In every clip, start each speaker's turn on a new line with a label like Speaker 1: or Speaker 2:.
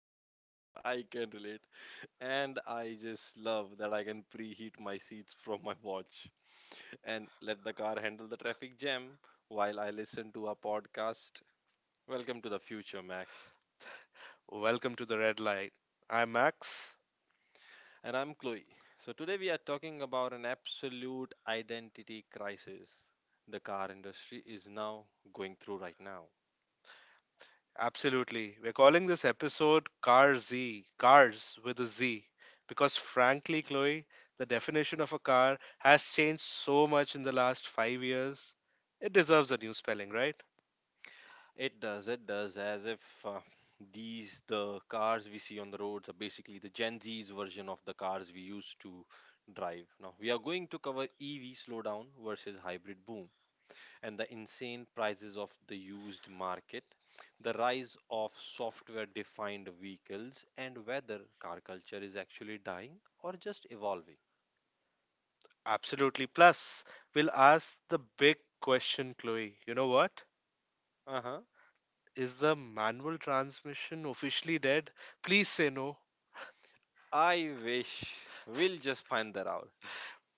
Speaker 1: I can relate. And I just love that I can preheat my seats from my watch and let the car handle the traffic jam while I listen to a podcast. Welcome to the future, Max.
Speaker 2: Welcome to the red light. I'm Max.
Speaker 1: And I'm Chloe. So today we are talking about an absolute identity crisis the car industry is now going through right now.
Speaker 2: Absolutely. We're calling this episode Car Z, Cars with a Z, because frankly, Chloe, the definition of a car has changed so much in the last 5 years. It deserves a new spelling, right?
Speaker 1: It does, as if these, the cars we see on the roads, are basically the Gen Z's version of the cars we used to drive. Now, we are going to cover EV slowdown versus hybrid boom and the insane prices of the used market, the rise of software defined vehicles, and whether car culture is actually dying or just evolving.
Speaker 2: Absolutely. Plus, we'll ask the big question, Chloe. You know what?
Speaker 1: Uh huh.
Speaker 2: Is the manual transmission officially dead? Please say no.
Speaker 1: I wish we'll just find that out.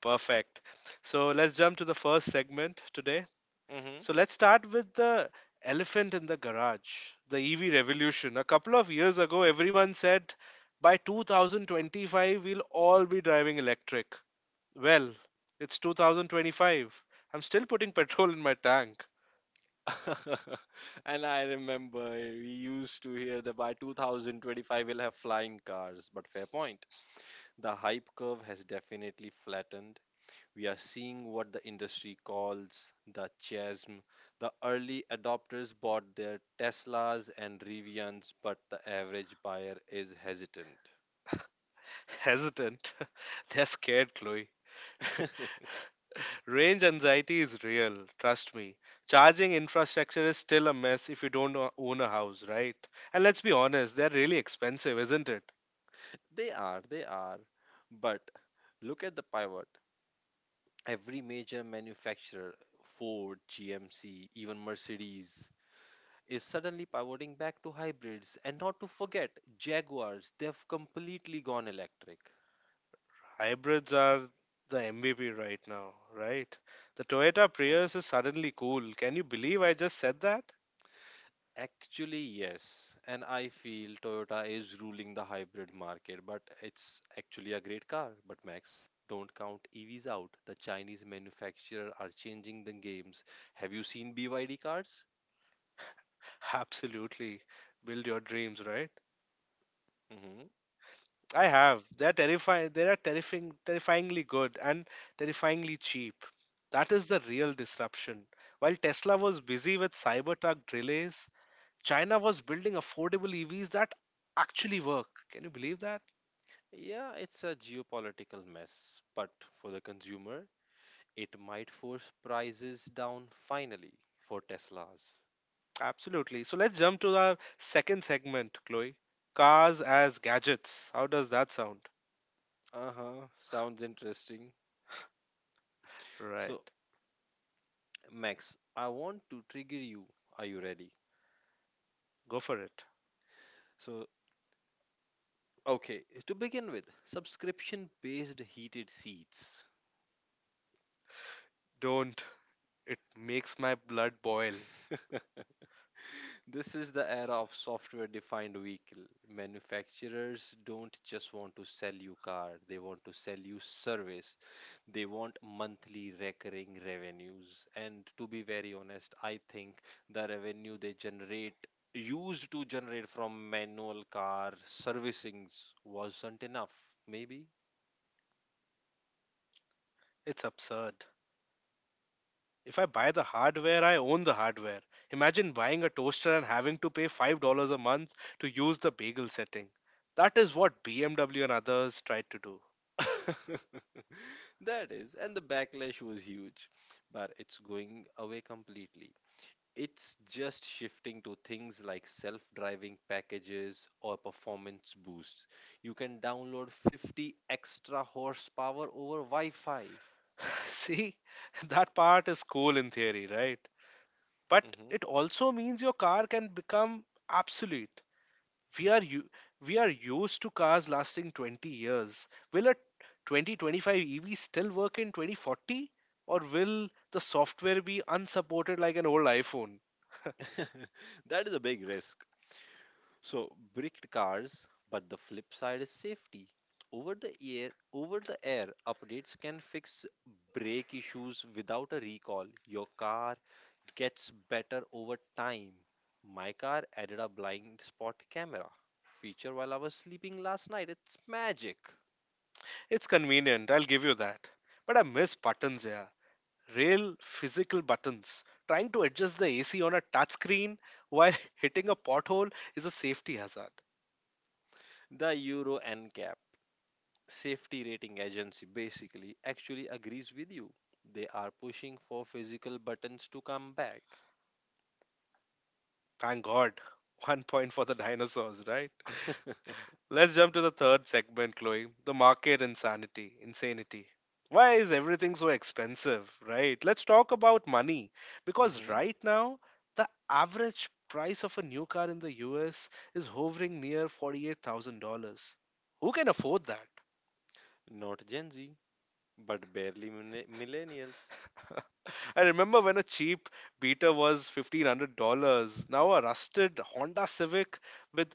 Speaker 2: Perfect. So let's jump to the first segment today.
Speaker 1: hmm
Speaker 2: So let's start with the elephant in the garage, the EV revolution. A couple of years ago, everyone said by 2025, we'll all be driving electric. Well, it's 2025. I'm still putting petrol in my tank.
Speaker 1: and I remember we used to hear that by 2025 we'll have flying cars. But fair point. The hype curve has definitely flattened. We are seeing what the industry calls the chasm. The early adopters bought their Teslas and Rivians, but the average buyer is hesitant.
Speaker 2: Hesitant. They're scared, Chloe. Range anxiety is real, trust me. Charging infrastructure is still a mess if you don't own a house, right? And let's be honest, they're really expensive, isn't it?
Speaker 1: They are, they are. But look at the pivot. Every major manufacturer, Ford, GMC, even Mercedes, is suddenly pivoting back to hybrids. And not to forget, Jaguars, they've completely gone electric.
Speaker 2: Hybrids are the MVP right now, right? The Toyota
Speaker 1: Mhm.
Speaker 2: Prius is suddenly cool. Can you believe I just said that?
Speaker 1: Actually, yes. And I feel Toyota is ruling the hybrid market, but it's actually a great car. But Max, don't count EVs out. The Chinese manufacturer are changing the games. Have you seen BYD cars?
Speaker 2: Absolutely. Build your dreams, right?
Speaker 1: hmm
Speaker 2: I have. They're terrifying. They are terrifying, terrifyingly good and terrifyingly cheap. That is the real disruption. While Tesla was busy with Cybertruck delays, China was building affordable EVs that actually work. Can you believe that?
Speaker 1: Yeah, it's a geopolitical mess, but for the consumer, it might force prices down finally for Teslas.
Speaker 2: Absolutely. So let's jump to our second segment, Chloe. Cars as gadgets. How does that sound?
Speaker 1: Uh huh. Sounds interesting. So,
Speaker 2: Right.
Speaker 1: Max, I want to trigger you. Are you ready?
Speaker 2: Go for it.
Speaker 1: So, okay, to begin with, subscription based heated seats.
Speaker 2: Don't. It makes my blood boil.
Speaker 1: This is the era of software defined vehicle. Manufacturers don't just want to sell you car, they want to sell you service. They want monthly recurring revenues. And to be very honest, I think the revenue they generate used to generate from manual car servicings wasn't enough, maybe.
Speaker 2: It's absurd. If I buy the hardware, I own the hardware. Imagine buying a toaster and having to pay $5 a month to use the bagel setting. That is what BMW and others tried to do.
Speaker 1: That is, and the backlash was huge, but it's going away completely. It's just shifting to things like self driving packages or performance boosts. You can download 50 extra horsepower over Wi Fi.
Speaker 2: See, that part is cool in theory, right? But
Speaker 1: Mhm.
Speaker 2: it also means your car can become obsolete. We are u- we are used to cars lasting 20 years. Will a 2025 EV still work in 2040 or will the software be unsupported like an old iPhone?
Speaker 1: That is a big risk. So, bricked cars, but the flip side is safety. Over the air updates can fix brake issues without a recall. Your car gets better over time. My car added a blind spot camera feature while I was sleeping last night. It's magic.
Speaker 2: It's convenient, I'll give you that. But I miss buttons here. Real physical buttons. Trying to adjust the AC on a touchscreen while hitting a pothole is a safety hazard.
Speaker 1: The Euro NCAP safety rating agency basically actually agrees with you. They are pushing for physical buttons to come back.
Speaker 2: Thank God. One point for the dinosaurs, right? Let's jump to the third segment, Chloe. The market insanity. Insanity. Why is everything so expensive, right? Let's talk about money. Because
Speaker 1: hmm
Speaker 2: right now, the average price of a new car in the US is hovering near $48,000. Who can afford that?
Speaker 1: Not Gen Z, but barely millennials.
Speaker 2: I remember when a cheap beater was $1,500. Now, a rusted Honda Civic with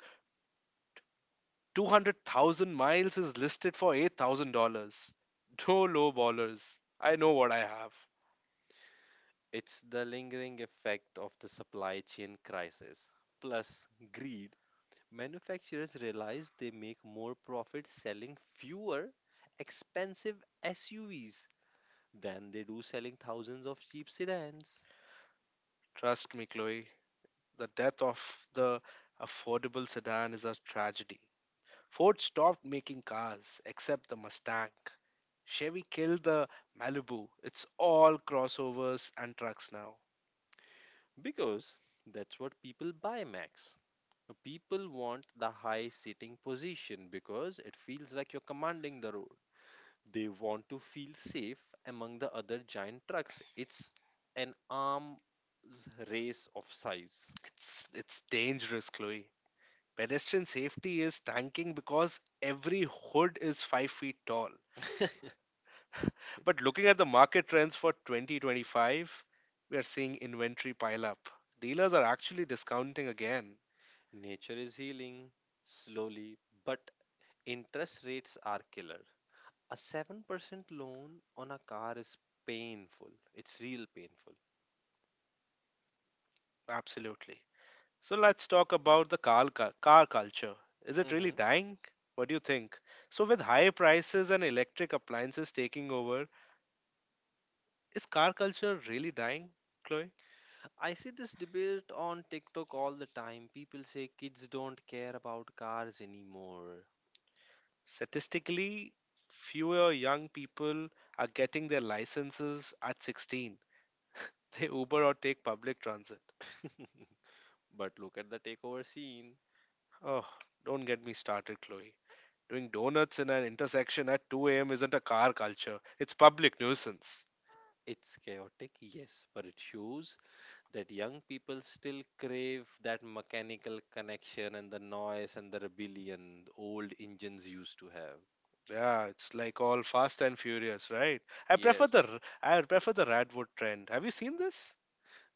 Speaker 2: 200,000 miles is listed for $8,000. No low ballers. I know what I have.
Speaker 1: It's the lingering effect of the supply chain crisis plus greed. Manufacturers realize they make more profit selling fewer expensive SUVs than they do selling thousands of cheap sedans.
Speaker 2: Trust me, Chloe. The death of the affordable sedan is a tragedy. Ford stopped making cars except the Mustang. Chevy killed the Malibu. It's all crossovers and trucks now.
Speaker 1: Because that's what people buy, Max. People want the high sitting position because it feels like you're commanding the road. They want to feel safe among the other giant trucks. It's an arms race of size.
Speaker 2: It's dangerous, Chloe. Pedestrian safety is tanking because every hood is 5 feet tall. But looking at the market trends for 2025, we are seeing inventory pile up. Dealers are actually discounting again.
Speaker 1: Nature is healing slowly, but interest rates are killer. A 7% loan on a car is painful. It's real painful.
Speaker 2: Absolutely. So let's talk about the car culture. Is it really
Speaker 1: Mhm.
Speaker 2: dying? What do you think? So, with high prices and electric appliances taking over, is car culture really dying, Chloe?
Speaker 1: I see this debate on TikTok all the time. People say kids don't care about cars anymore.
Speaker 2: Statistically, fewer young people are getting their licenses at 16. They Uber or take public transit.
Speaker 1: But look at the takeover scene.
Speaker 2: Oh, don't get me started, Chloe. Doing donuts in an intersection at 2 a.m. isn't a car culture, it's public nuisance.
Speaker 1: It's chaotic, yes, but it shows that young people still crave that mechanical connection and the noise and the rebellion the old engines used to have.
Speaker 2: Yeah, it's like all fast and furious, right? I prefer
Speaker 1: Yes,
Speaker 2: the r- I prefer the Radwood trend. Have you seen this?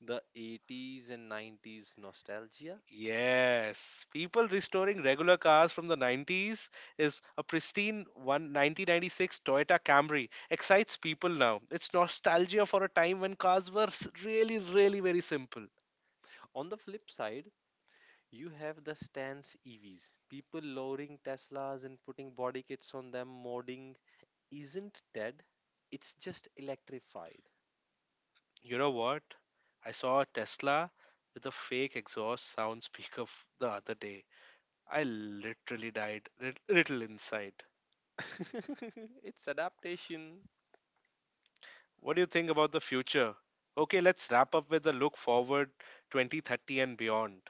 Speaker 1: the 80s and 90s nostalgia.
Speaker 2: Yes, people restoring regular cars from the 90s is a pristine one 1996 Toyota Camry excites people now. It's nostalgia for a time when cars were really, really very simple.
Speaker 1: On the flip side, you have the stance EVs, people lowering Teslas and putting body kits on them, modding isn't dead, it's just electrified.
Speaker 2: You know what? I saw a Tesla with a fake exhaust sound speaker the other day. I literally died little inside.
Speaker 1: It's adaptation.
Speaker 2: What do you think about the future? Okay, let's wrap up with a look forward 2030 and beyond.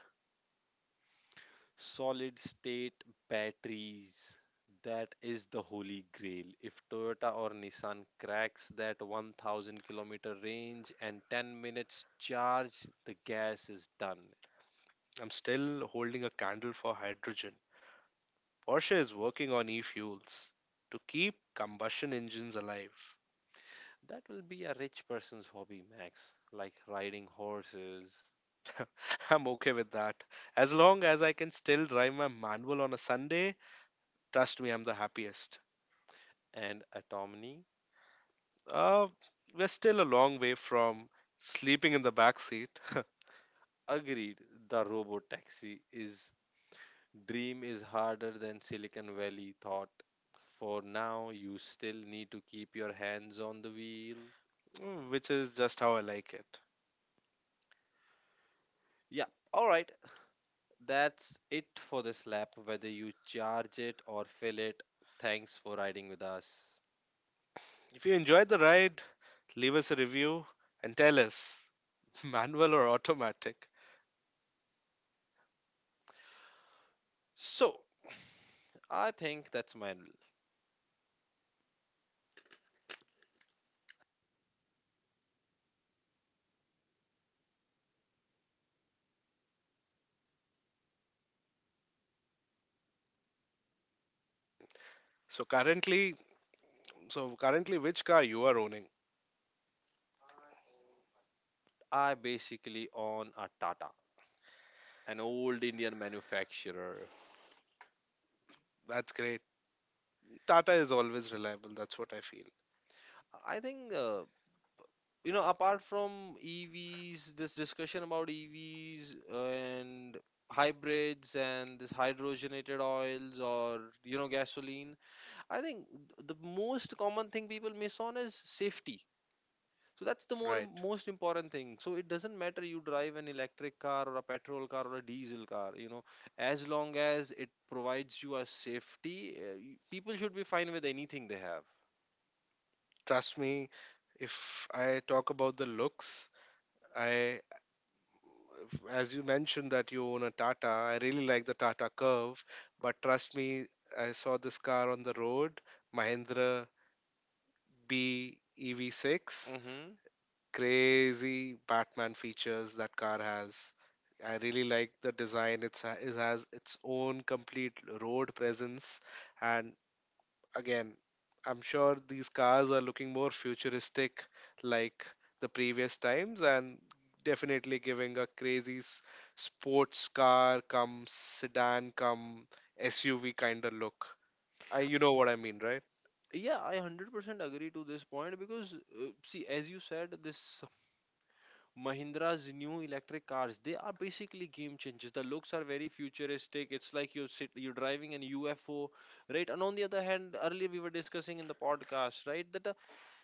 Speaker 1: Solid state batteries. That is the holy grail. If Toyota or Nissan cracks that 1,000 kilometer range and 10 minutes charge, the gas is done.
Speaker 2: I'm still holding a candle for hydrogen. Porsche is working on e fuels to keep combustion engines alive.
Speaker 1: That will be a rich person's hobby, Max, like riding horses.
Speaker 2: I'm okay with that. As long as I can still drive my manual on a Sunday, trust me, I'm the happiest.
Speaker 1: And autonomy.
Speaker 2: Uh, we're still a long way from sleeping in the back seat,
Speaker 1: Agreed, the robo taxi is dream is harder than Silicon Valley thought. For now, you still need to keep your hands on the wheel.
Speaker 2: which is just how I like it.
Speaker 1: Yeah, all right. That's it for this lap, whether you charge it or fill it. Thanks for riding with us.
Speaker 2: If you enjoyed the ride, leave us a review and tell us manual or automatic.
Speaker 1: So, I think that's my.
Speaker 2: So currently, so currently, which car you are owning?
Speaker 1: I basically own a Tata, an old Indian manufacturer.
Speaker 2: That's great. Tata is always reliable, that's what I feel.
Speaker 1: I think, you know, apart from EVs, this discussion about EVs and hybrids and this hydrogenated oils or, you know, gasoline, I think the most common thing people miss on is safety. So that's the
Speaker 2: Right.
Speaker 1: most important thing. So it doesn't matter you drive an electric car or a petrol car or a diesel car, you know, as long as it provides you a safety, people should be fine with anything they have.
Speaker 2: Trust me, if I talk about the looks, I as you mentioned that you own a Tata, I really like the Tata Curve, but trust me, I saw this car on the road, Mahindra B EV6,
Speaker 1: Mm-hmm.
Speaker 2: crazy Batman features that car has. I really like the design. It has its own complete road presence, and again, I'm sure these cars are looking more futuristic like the previous times and definitely giving a crazy sports car come sedan come SUV kind of look. I, you know what I mean, right?
Speaker 1: Yeah, I 100% agree to this point because, see, as you said, this Mahindra's new electric cars, they are basically game changers. The looks are very futuristic. It's like you're driving an UFO, right? And on the other hand, earlier we were discussing in the podcast, right, that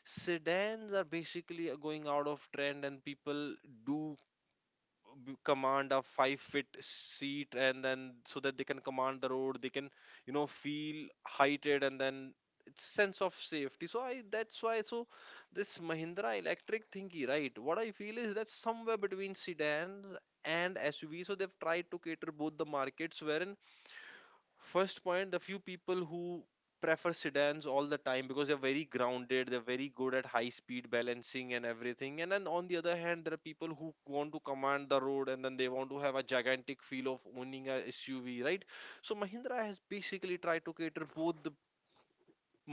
Speaker 1: sedans are basically going out of trend and people do command a 5 foot seat and then so that they can command the road, they can, you know, feel heighted, and then it's sense of safety. So I that's why so this Mahindra electric thingy, right, what I feel is that somewhere between sedans and SUV, so they've tried to cater both the markets wherein. First point, the few people who prefer sedans all the time because they're very grounded, they're very good at high speed balancing and everything. And then on the other hand, there are people who want to command the road and then they want to have a gigantic feel of owning a SUV, right? So Mahindra has basically tried to cater both the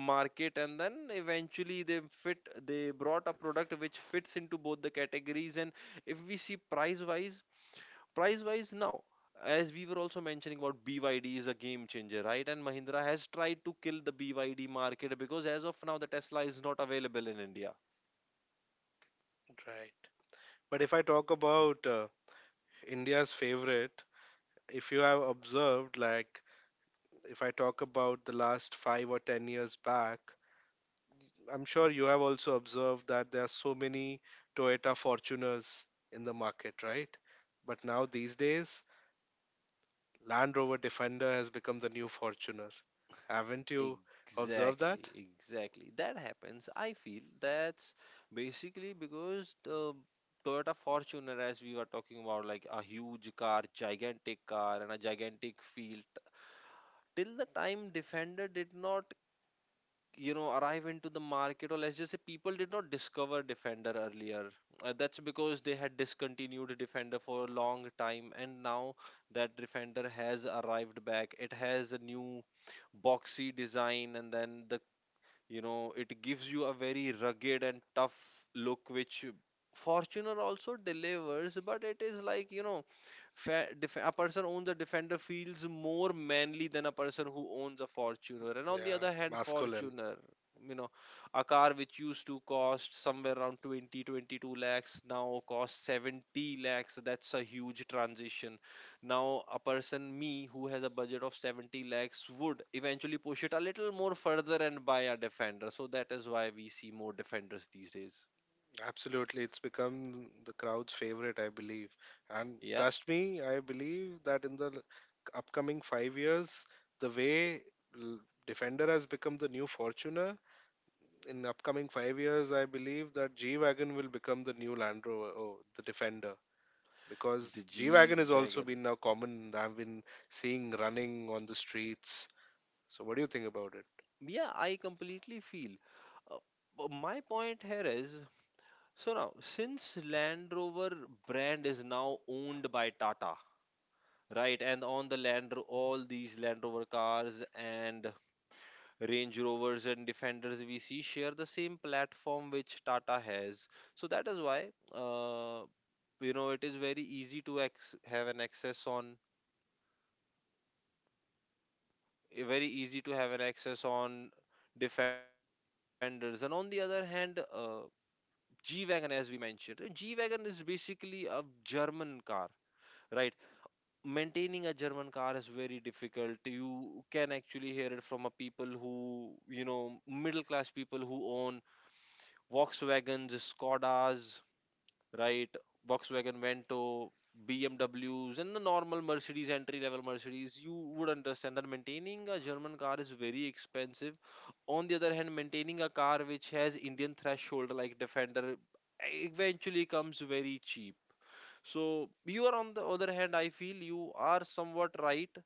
Speaker 1: market and then eventually they brought a product which fits into both the categories. And if we see price wise now, as we were also mentioning about BYD is a game changer, right, and Mahindra has tried to kill the BYD market because as of now the Tesla is not available in India.
Speaker 2: Right. But if I talk about India's favorite, if you have observed, like if I talk about the last 5 or 10 years back, I'm sure you have also observed that there are so many Toyota Fortuners in the market, right? But now these days, Land Rover Defender has become the new Fortuner. Haven't you observed
Speaker 1: Exactly,
Speaker 2: that?
Speaker 1: exactly, that happens, I feel. That's basically because the Toyota Fortuner, as we were talking about, like a huge car, gigantic car, and a gigantic field. Till the time Defender did not, you know, arrive into the market, or let's just say people did not discover defender earlier, that's because they had discontinued defender for a long time, and now that defender has arrived back, it has a new boxy design, and then the, you know, it gives you a very rugged and tough look which fortuner also delivers, but it is like, you know, a person owns a defender feels more manly than a person who owns a fortuner. And on the
Speaker 2: Yeah,
Speaker 1: other hand,
Speaker 2: masculine.
Speaker 1: fortuner, you know, a car which used to cost somewhere around 20 22 lakhs now costs 70 lakhs, that's a huge transition. Now a person me who has a budget of 70 lakhs would eventually push it a little more further and buy a defender, so that is why we see more defenders these days.
Speaker 2: Absolutely, it's become the crowd's favorite, I believe. And
Speaker 1: Yeah,
Speaker 2: trust me, I believe that in the upcoming 5 years, the way l- Defender has become the new Fortuner, in upcoming 5 years, I believe that G Wagon will become the new Land Rover, oh, the Defender.
Speaker 1: the
Speaker 2: Because G Wagon
Speaker 1: G
Speaker 2: has also
Speaker 1: Wagon.
Speaker 2: been now common, I've been seeing running on the streets. So, what do you think about it?
Speaker 1: Yeah, I completely feel. Uh, but my point here is so now, since Land Rover brand is now owned by Tata, right? And on the all these Land Rover cars and Range Rovers and Defenders we see share the same platform which Tata has. So that is why, you know, it is very easy to have an access on, very easy to have an access on Defenders. And on the other hand, G Wagon, as we mentioned. G Wagon is basically a German car, right? Maintaining a German car is very difficult. You can actually hear it from a people who, you know, middle class people who own Volkswagens, Skodas, right? Volkswagen Vento, BMWs, and the normal Mercedes, entry level Mercedes, you would understand that maintaining a German car is very expensive. On the other hand, maintaining a car which has Indian threshold like Defender eventually comes very cheap. So you are on the other hand, I feel you are somewhat right.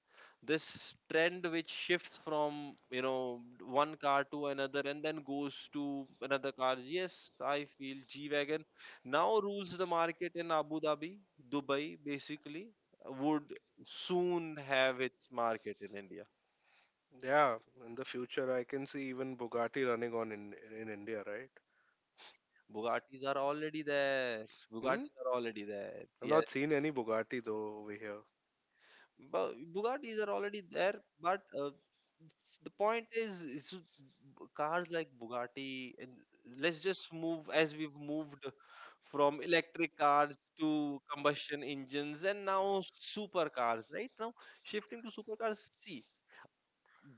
Speaker 1: This trend which shifts from, you know, one car to another and then goes to another car. Yes, I feel G wagon now rules the market in Abu Dhabi, Dubai. Basically, would soon have its market in India.
Speaker 2: Yeah, in the future, I can see even Bugatti running in India, right?
Speaker 1: Bugattis are already there.
Speaker 2: Hmm?
Speaker 1: Bugattis are already there.
Speaker 2: I've
Speaker 1: Yes.
Speaker 2: not seen any Bugatti though over here.
Speaker 1: But Bugattis are already there, but the point is, cars like Bugatti, and let's just move as we've moved from electric cars to combustion engines and now supercars, right? Now, shifting to supercars, see,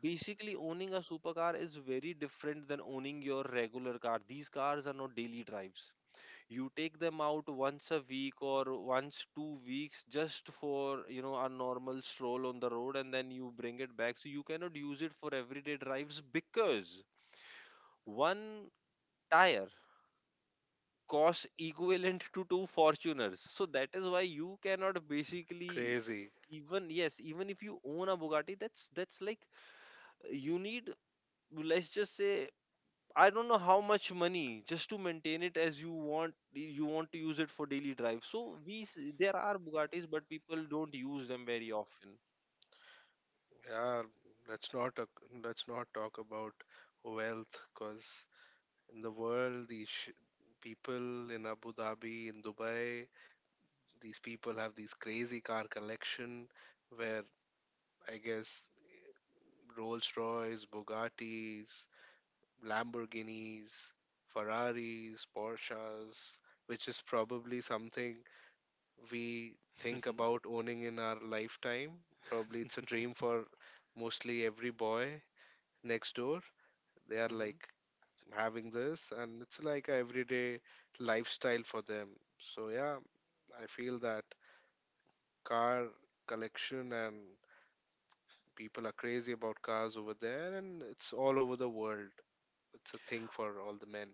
Speaker 1: basically owning a supercar is very different than owning your regular car. These cars are not daily drives. You take them out once a week or once 2 weeks just for a normal stroll on the road, and then you bring it back. So you cannot use it for everyday drives because one tire costs equivalent to two fortuners. So that is why you cannot basically,
Speaker 2: Crazy.
Speaker 1: even, yes, even if you own a Bugatti, that's like, you need, let's just say, I don't know how much money just to maintain it. As you want, to use it for daily drive. So there are Bugattis, but people don't use them very often.
Speaker 2: Yeah, let's not talk, let's not talk about wealth because in the world, these people in Abu Dhabi, in Dubai, these people have these crazy car collection where I guess Rolls Royce, Bugattis, Lamborghinis, Ferraris, Porsches, which is probably something we think
Speaker 1: Hmm.
Speaker 2: about owning in our lifetime. Probably it's a dream for mostly every boy next door. They are like having this, and it's like a everyday lifestyle for them. So, yeah, I feel that car collection and people are crazy about cars over there, and it's all over the world. It's a thing for all the men,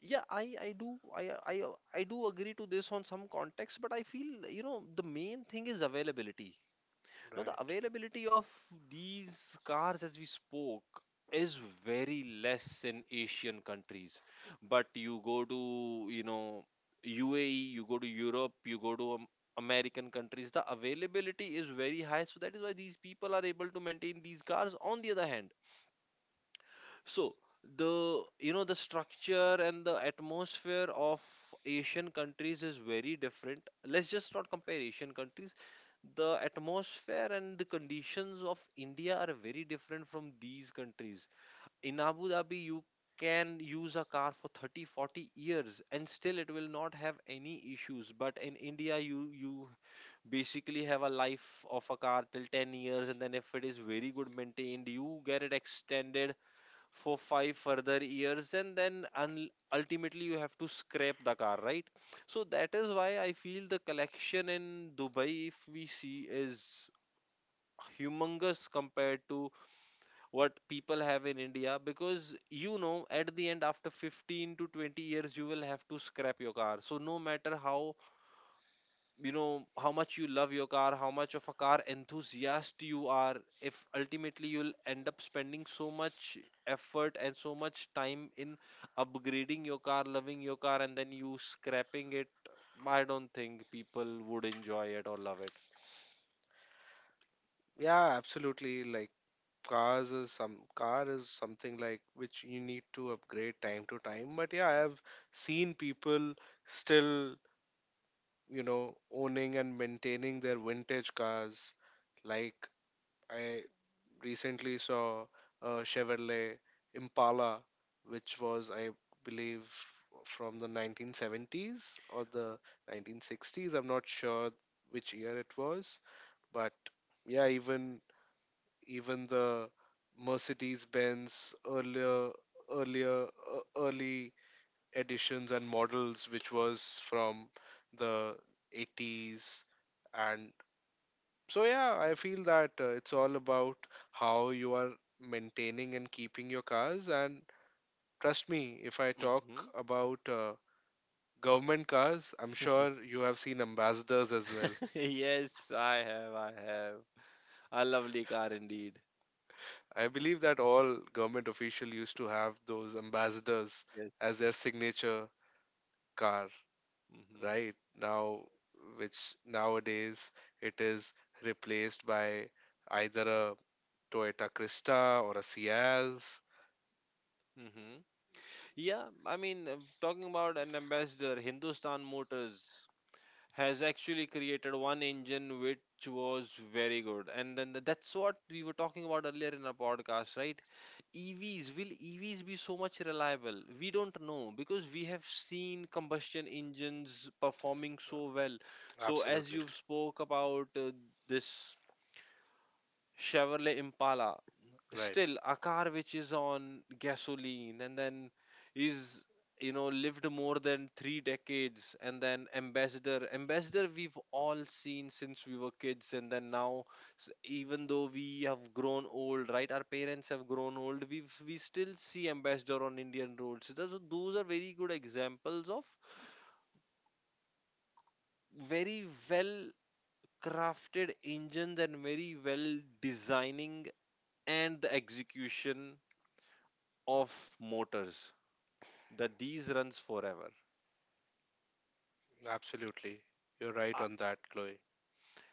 Speaker 1: Yeah, I do, I I I do agree to this on some context, but I feel the main thing is availability. Now, the
Speaker 2: right?
Speaker 1: availability of these cars, as we spoke, is very less in Asian countries. But you go to, UAE, you go to Europe, you go to American countries. The availability is very high. So that is why these people are able to maintain these cars. On the other hand, so the the structure and the atmosphere of Asian countries is very different. Let's just not compare Asian countries. The atmosphere and the conditions of India are very different from these countries. In Abu Dhabi, you can use a car for 30, 40 years, and still it will not have any issues. But in India, you basically have a life of a car till 10 years, and then if it is very good maintained, you get it extended for 5 further years, and then ultimately you have to scrap the car, right? So that is why I feel the collection in Dubai, if we see, is humongous compared to what people have in India. Because at the end, after 15 to 20 years, you will have to scrap your car. So no matter how, how much you love your car, how much of a car enthusiast you are, if ultimately you'll end up spending so much effort and so much time in upgrading your car, loving your car, and then you scrapping it, I don't think people would enjoy it or love it.
Speaker 2: Yeah, absolutely. Like cars is some car is something like which you need to upgrade time to time. But yeah, I have seen people still, you know, owning and maintaining their vintage cars, like I recently saw a Chevrolet Impala which was, I believe, from the 1970s or the 1960s. I'm not sure which year it was, but yeah, even the Mercedes Benz earlier early editions and models which was from the 80s. And so yeah, I feel that it's all about how you are maintaining and keeping your cars. And trust me, if I talk
Speaker 1: Hmm.
Speaker 2: about government cars, I'm sure you have seen ambassadors as well.
Speaker 1: Yes, I have, I have. A lovely car indeed.
Speaker 2: I believe that all government official used to have those ambassadors as
Speaker 1: Yes.
Speaker 2: their signature car,
Speaker 1: Hmm.
Speaker 2: right? Now, which nowadays it is replaced by either a Toyota Krista or a Ciaz.
Speaker 1: Hmm. Yeah, I mean, talking about an Ambassador, Hindustan Motors has actually created one engine which was very good. And then that's what we were talking about earlier in our podcast, right? EVs be so much reliable? We don't know, because we have seen combustion engines performing so well. So as
Speaker 2: absolutely
Speaker 1: you spoke about, this Chevrolet Impala.
Speaker 2: right
Speaker 1: Still a car which is on gasoline, and then is, lived more than 3 decades. And then Ambassador. Ambassador, we've all seen since we were kids. And then now, even though we have grown old, right? Our parents have grown old. We still see Ambassador on Indian roads. So those are very good examples of very well crafted engines, and very well designing and the execution of motors that these runs forever.
Speaker 2: absolutely You're right
Speaker 1: I,
Speaker 2: on that, Chloe.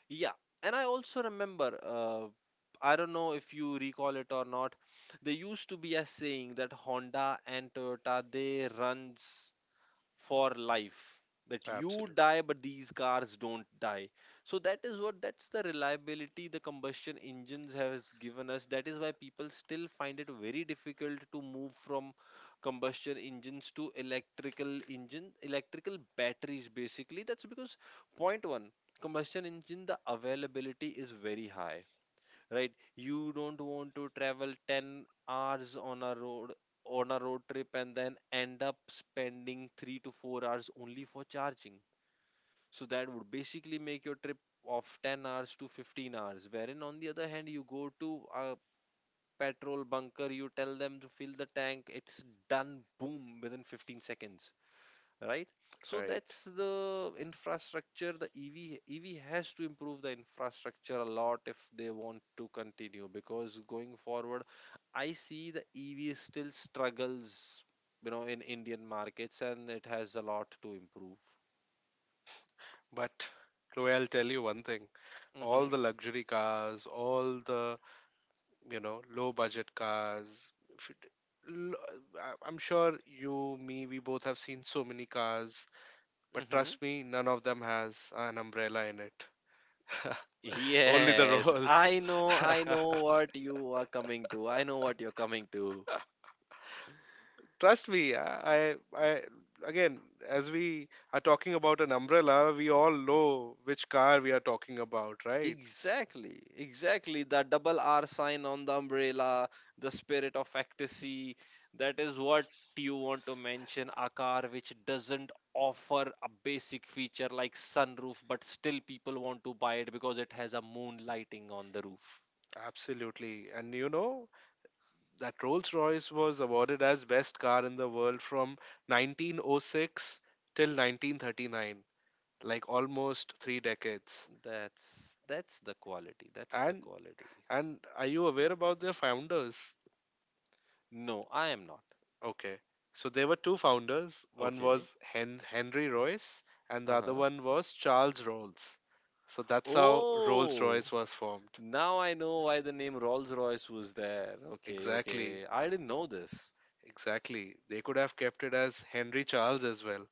Speaker 1: yeah, and I also remember. I don't know if you recall it or not. There used to be a saying that Honda and Toyota, they runs for life, that you
Speaker 2: Absolutely
Speaker 1: die but these cars don't die. So that is what that's the reliability the combustion engines has given us. That is why people still find it very difficult to move from combustion engines to electrical engine, electrical batteries basically. That's because, point one, combustion engine, the availability is very high, right? You don't want to travel 10 hours on a road trip, and then end up spending 3 to 4 hours only for charging. So that would basically make your trip of 10 hours to 15 hours. Wherein, on the other hand, you go to a petrol bunker, you tell them to fill the tank, it's done, boom, within 15 seconds, right? So
Speaker 2: right.
Speaker 1: that's the infrastructure. The EV has to improve the infrastructure a lot if they want to continue. Because going forward, I see the EV still struggles, in Indian markets, and it has a lot to improve.
Speaker 2: But Chloe, I'll tell you one thing, all
Speaker 1: Mhm.
Speaker 2: the luxury cars, all the, you know, low budget cars. If it- l- I- I'm sure you, me, we both have seen so many cars, but
Speaker 1: Mhm.
Speaker 2: trust me, none of them has an umbrella in it. Only the
Speaker 1: Yes,
Speaker 2: Rolls.
Speaker 1: I know, I know what you are coming to, I know what you're coming to.
Speaker 2: Trust me, I, again, as we are talking about an umbrella, we all know which car we are talking about, right?
Speaker 1: Exactly, exactly. The double R sign on the umbrella, the spirit of ecstasy. That is what you want to mention. A car which doesn't offer a basic feature like sunroof, but still people want to buy it because it has a moon lighting on the roof.
Speaker 2: Absolutely. And you know, that Rolls-Royce was awarded as best car in the world from 1906 till 1939, like almost 3 decades.
Speaker 1: That's the quality. That's the
Speaker 2: And
Speaker 1: quality.
Speaker 2: and are you aware about their founders?
Speaker 1: No, I am not.
Speaker 2: Okay. So there were two founders. One
Speaker 1: Okay.
Speaker 2: was Henry Royce and the other
Speaker 1: Uh-huh.
Speaker 2: one was Charles Rolls. So that's how
Speaker 1: Oh,
Speaker 2: Rolls-Royce was formed.
Speaker 1: now I know why the name Rolls Royce was there. Okay,
Speaker 2: Exactly.
Speaker 1: okay. I didn't know this.
Speaker 2: Exactly. They could have kept it as Henry Charles as well.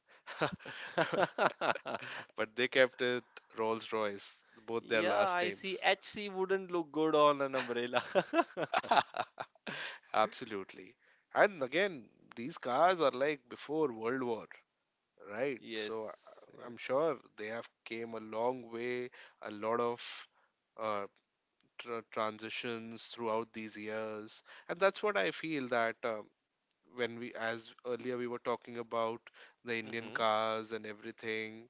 Speaker 2: But they kept it Rolls Royce, both their
Speaker 1: Yeah,
Speaker 2: last
Speaker 1: I see.
Speaker 2: names.
Speaker 1: HC wouldn't look good on an umbrella.
Speaker 2: Absolutely. And again, these cars are like before World War, right? So
Speaker 1: Yes,
Speaker 2: I'm
Speaker 1: yes.
Speaker 2: sure they have came a long way, a lot of uh, tr transitions throughout these years. And that's what I feel that when we, as earlier we were talking about the Indian
Speaker 1: Hmm.
Speaker 2: cars and everything,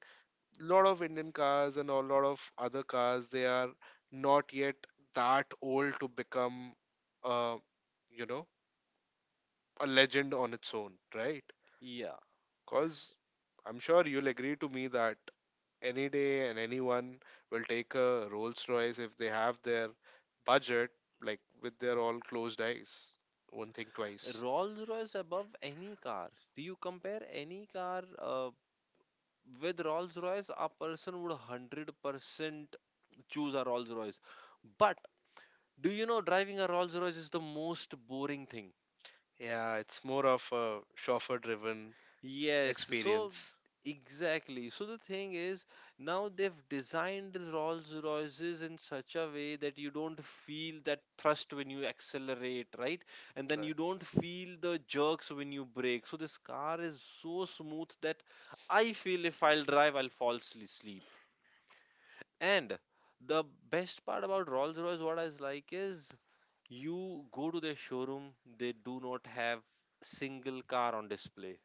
Speaker 2: lot of Indian cars and a lot of other cars, they are not yet that old to become, uh, you know, a legend on its own, right?
Speaker 1: Yeah.
Speaker 2: Because I'm sure you'll agree to me that any day and anyone will take a Rolls Royce if they have their budget, like with their all closed eyes. Won't think twice.
Speaker 1: Rolls Royce above any car. Do you compare any car with Rolls Royce? A person would 100% choose a Rolls Royce. But do you know driving a Rolls Royce is the most boring thing?
Speaker 2: Yeah, it's more of a chauffeur driven
Speaker 1: Yes, so
Speaker 2: experience.
Speaker 1: exactly. So the thing is, now they've designed the Rolls Royces in such a way that you don't feel that thrust when you accelerate, right? And then
Speaker 2: Right.
Speaker 1: you don't feel the jerks when you brake. So this car is so smooth that I feel if I'll drive, I'll fall asleep. And the best part about Rolls Royce, what I like is, you go to their showroom, they do not have single car on display.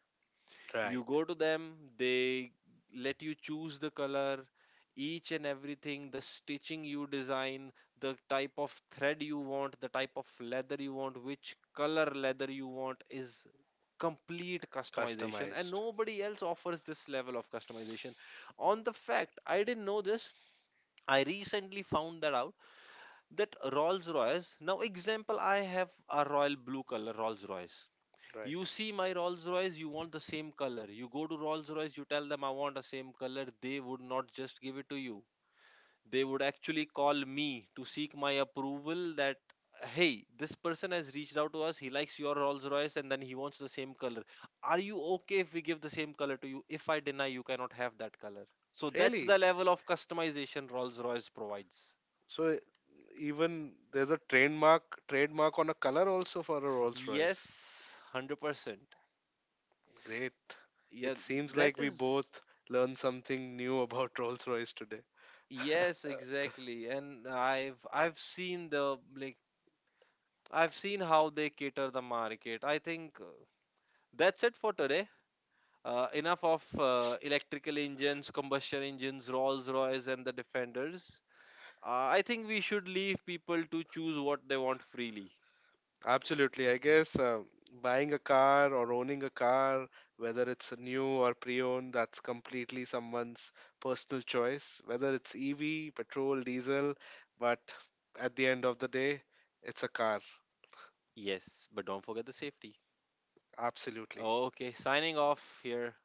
Speaker 1: You
Speaker 2: Right.
Speaker 1: go to them, they let you choose the color, each and everything, the stitching you design, the type of thread you want, the type of leather you want, which color leather you want is complete customization, and
Speaker 2: Customized.
Speaker 1: nobody else offers this level of customization. On the fact, I didn't know this. I recently found that out, that Rolls Royce now, example, I have a royal blue color Rolls Royce.
Speaker 2: Right.
Speaker 1: You see my Rolls Royce, you want the same color. You go to Rolls Royce, you tell them I want the same color. They would not just give it to you. They would actually call me to seek my approval that, hey, this person has reached out to us. He likes your Rolls Royce and then he wants the same color. Are you okay if we give the same color to you? If I deny, you cannot have that color. So that's
Speaker 2: Really?
Speaker 1: the level of customization Rolls Royce provides.
Speaker 2: So even there's a trademark on a color also for a Rolls Royce.
Speaker 1: Yes, 100%.
Speaker 2: Great.
Speaker 1: Yeah,
Speaker 2: It seems like
Speaker 1: that
Speaker 2: we
Speaker 1: is,
Speaker 2: both learned something new about Rolls-Royce today.
Speaker 1: yes, exactly. And I've seen how they cater the market. I think that's it for today. Enough of electrical engines, combustion engines, Rolls-Royce, and the Defenders. I think we should leave people to choose what they want freely.
Speaker 2: Absolutely. I guess buying a car or owning a car, whether it's a new or pre-owned, that's completely someone's personal choice. Whether it's EV, petrol, diesel, but at the end of the day, it's a car.
Speaker 1: Yes, but don't forget the safety.
Speaker 2: Absolutely.
Speaker 1: Okay, signing off here.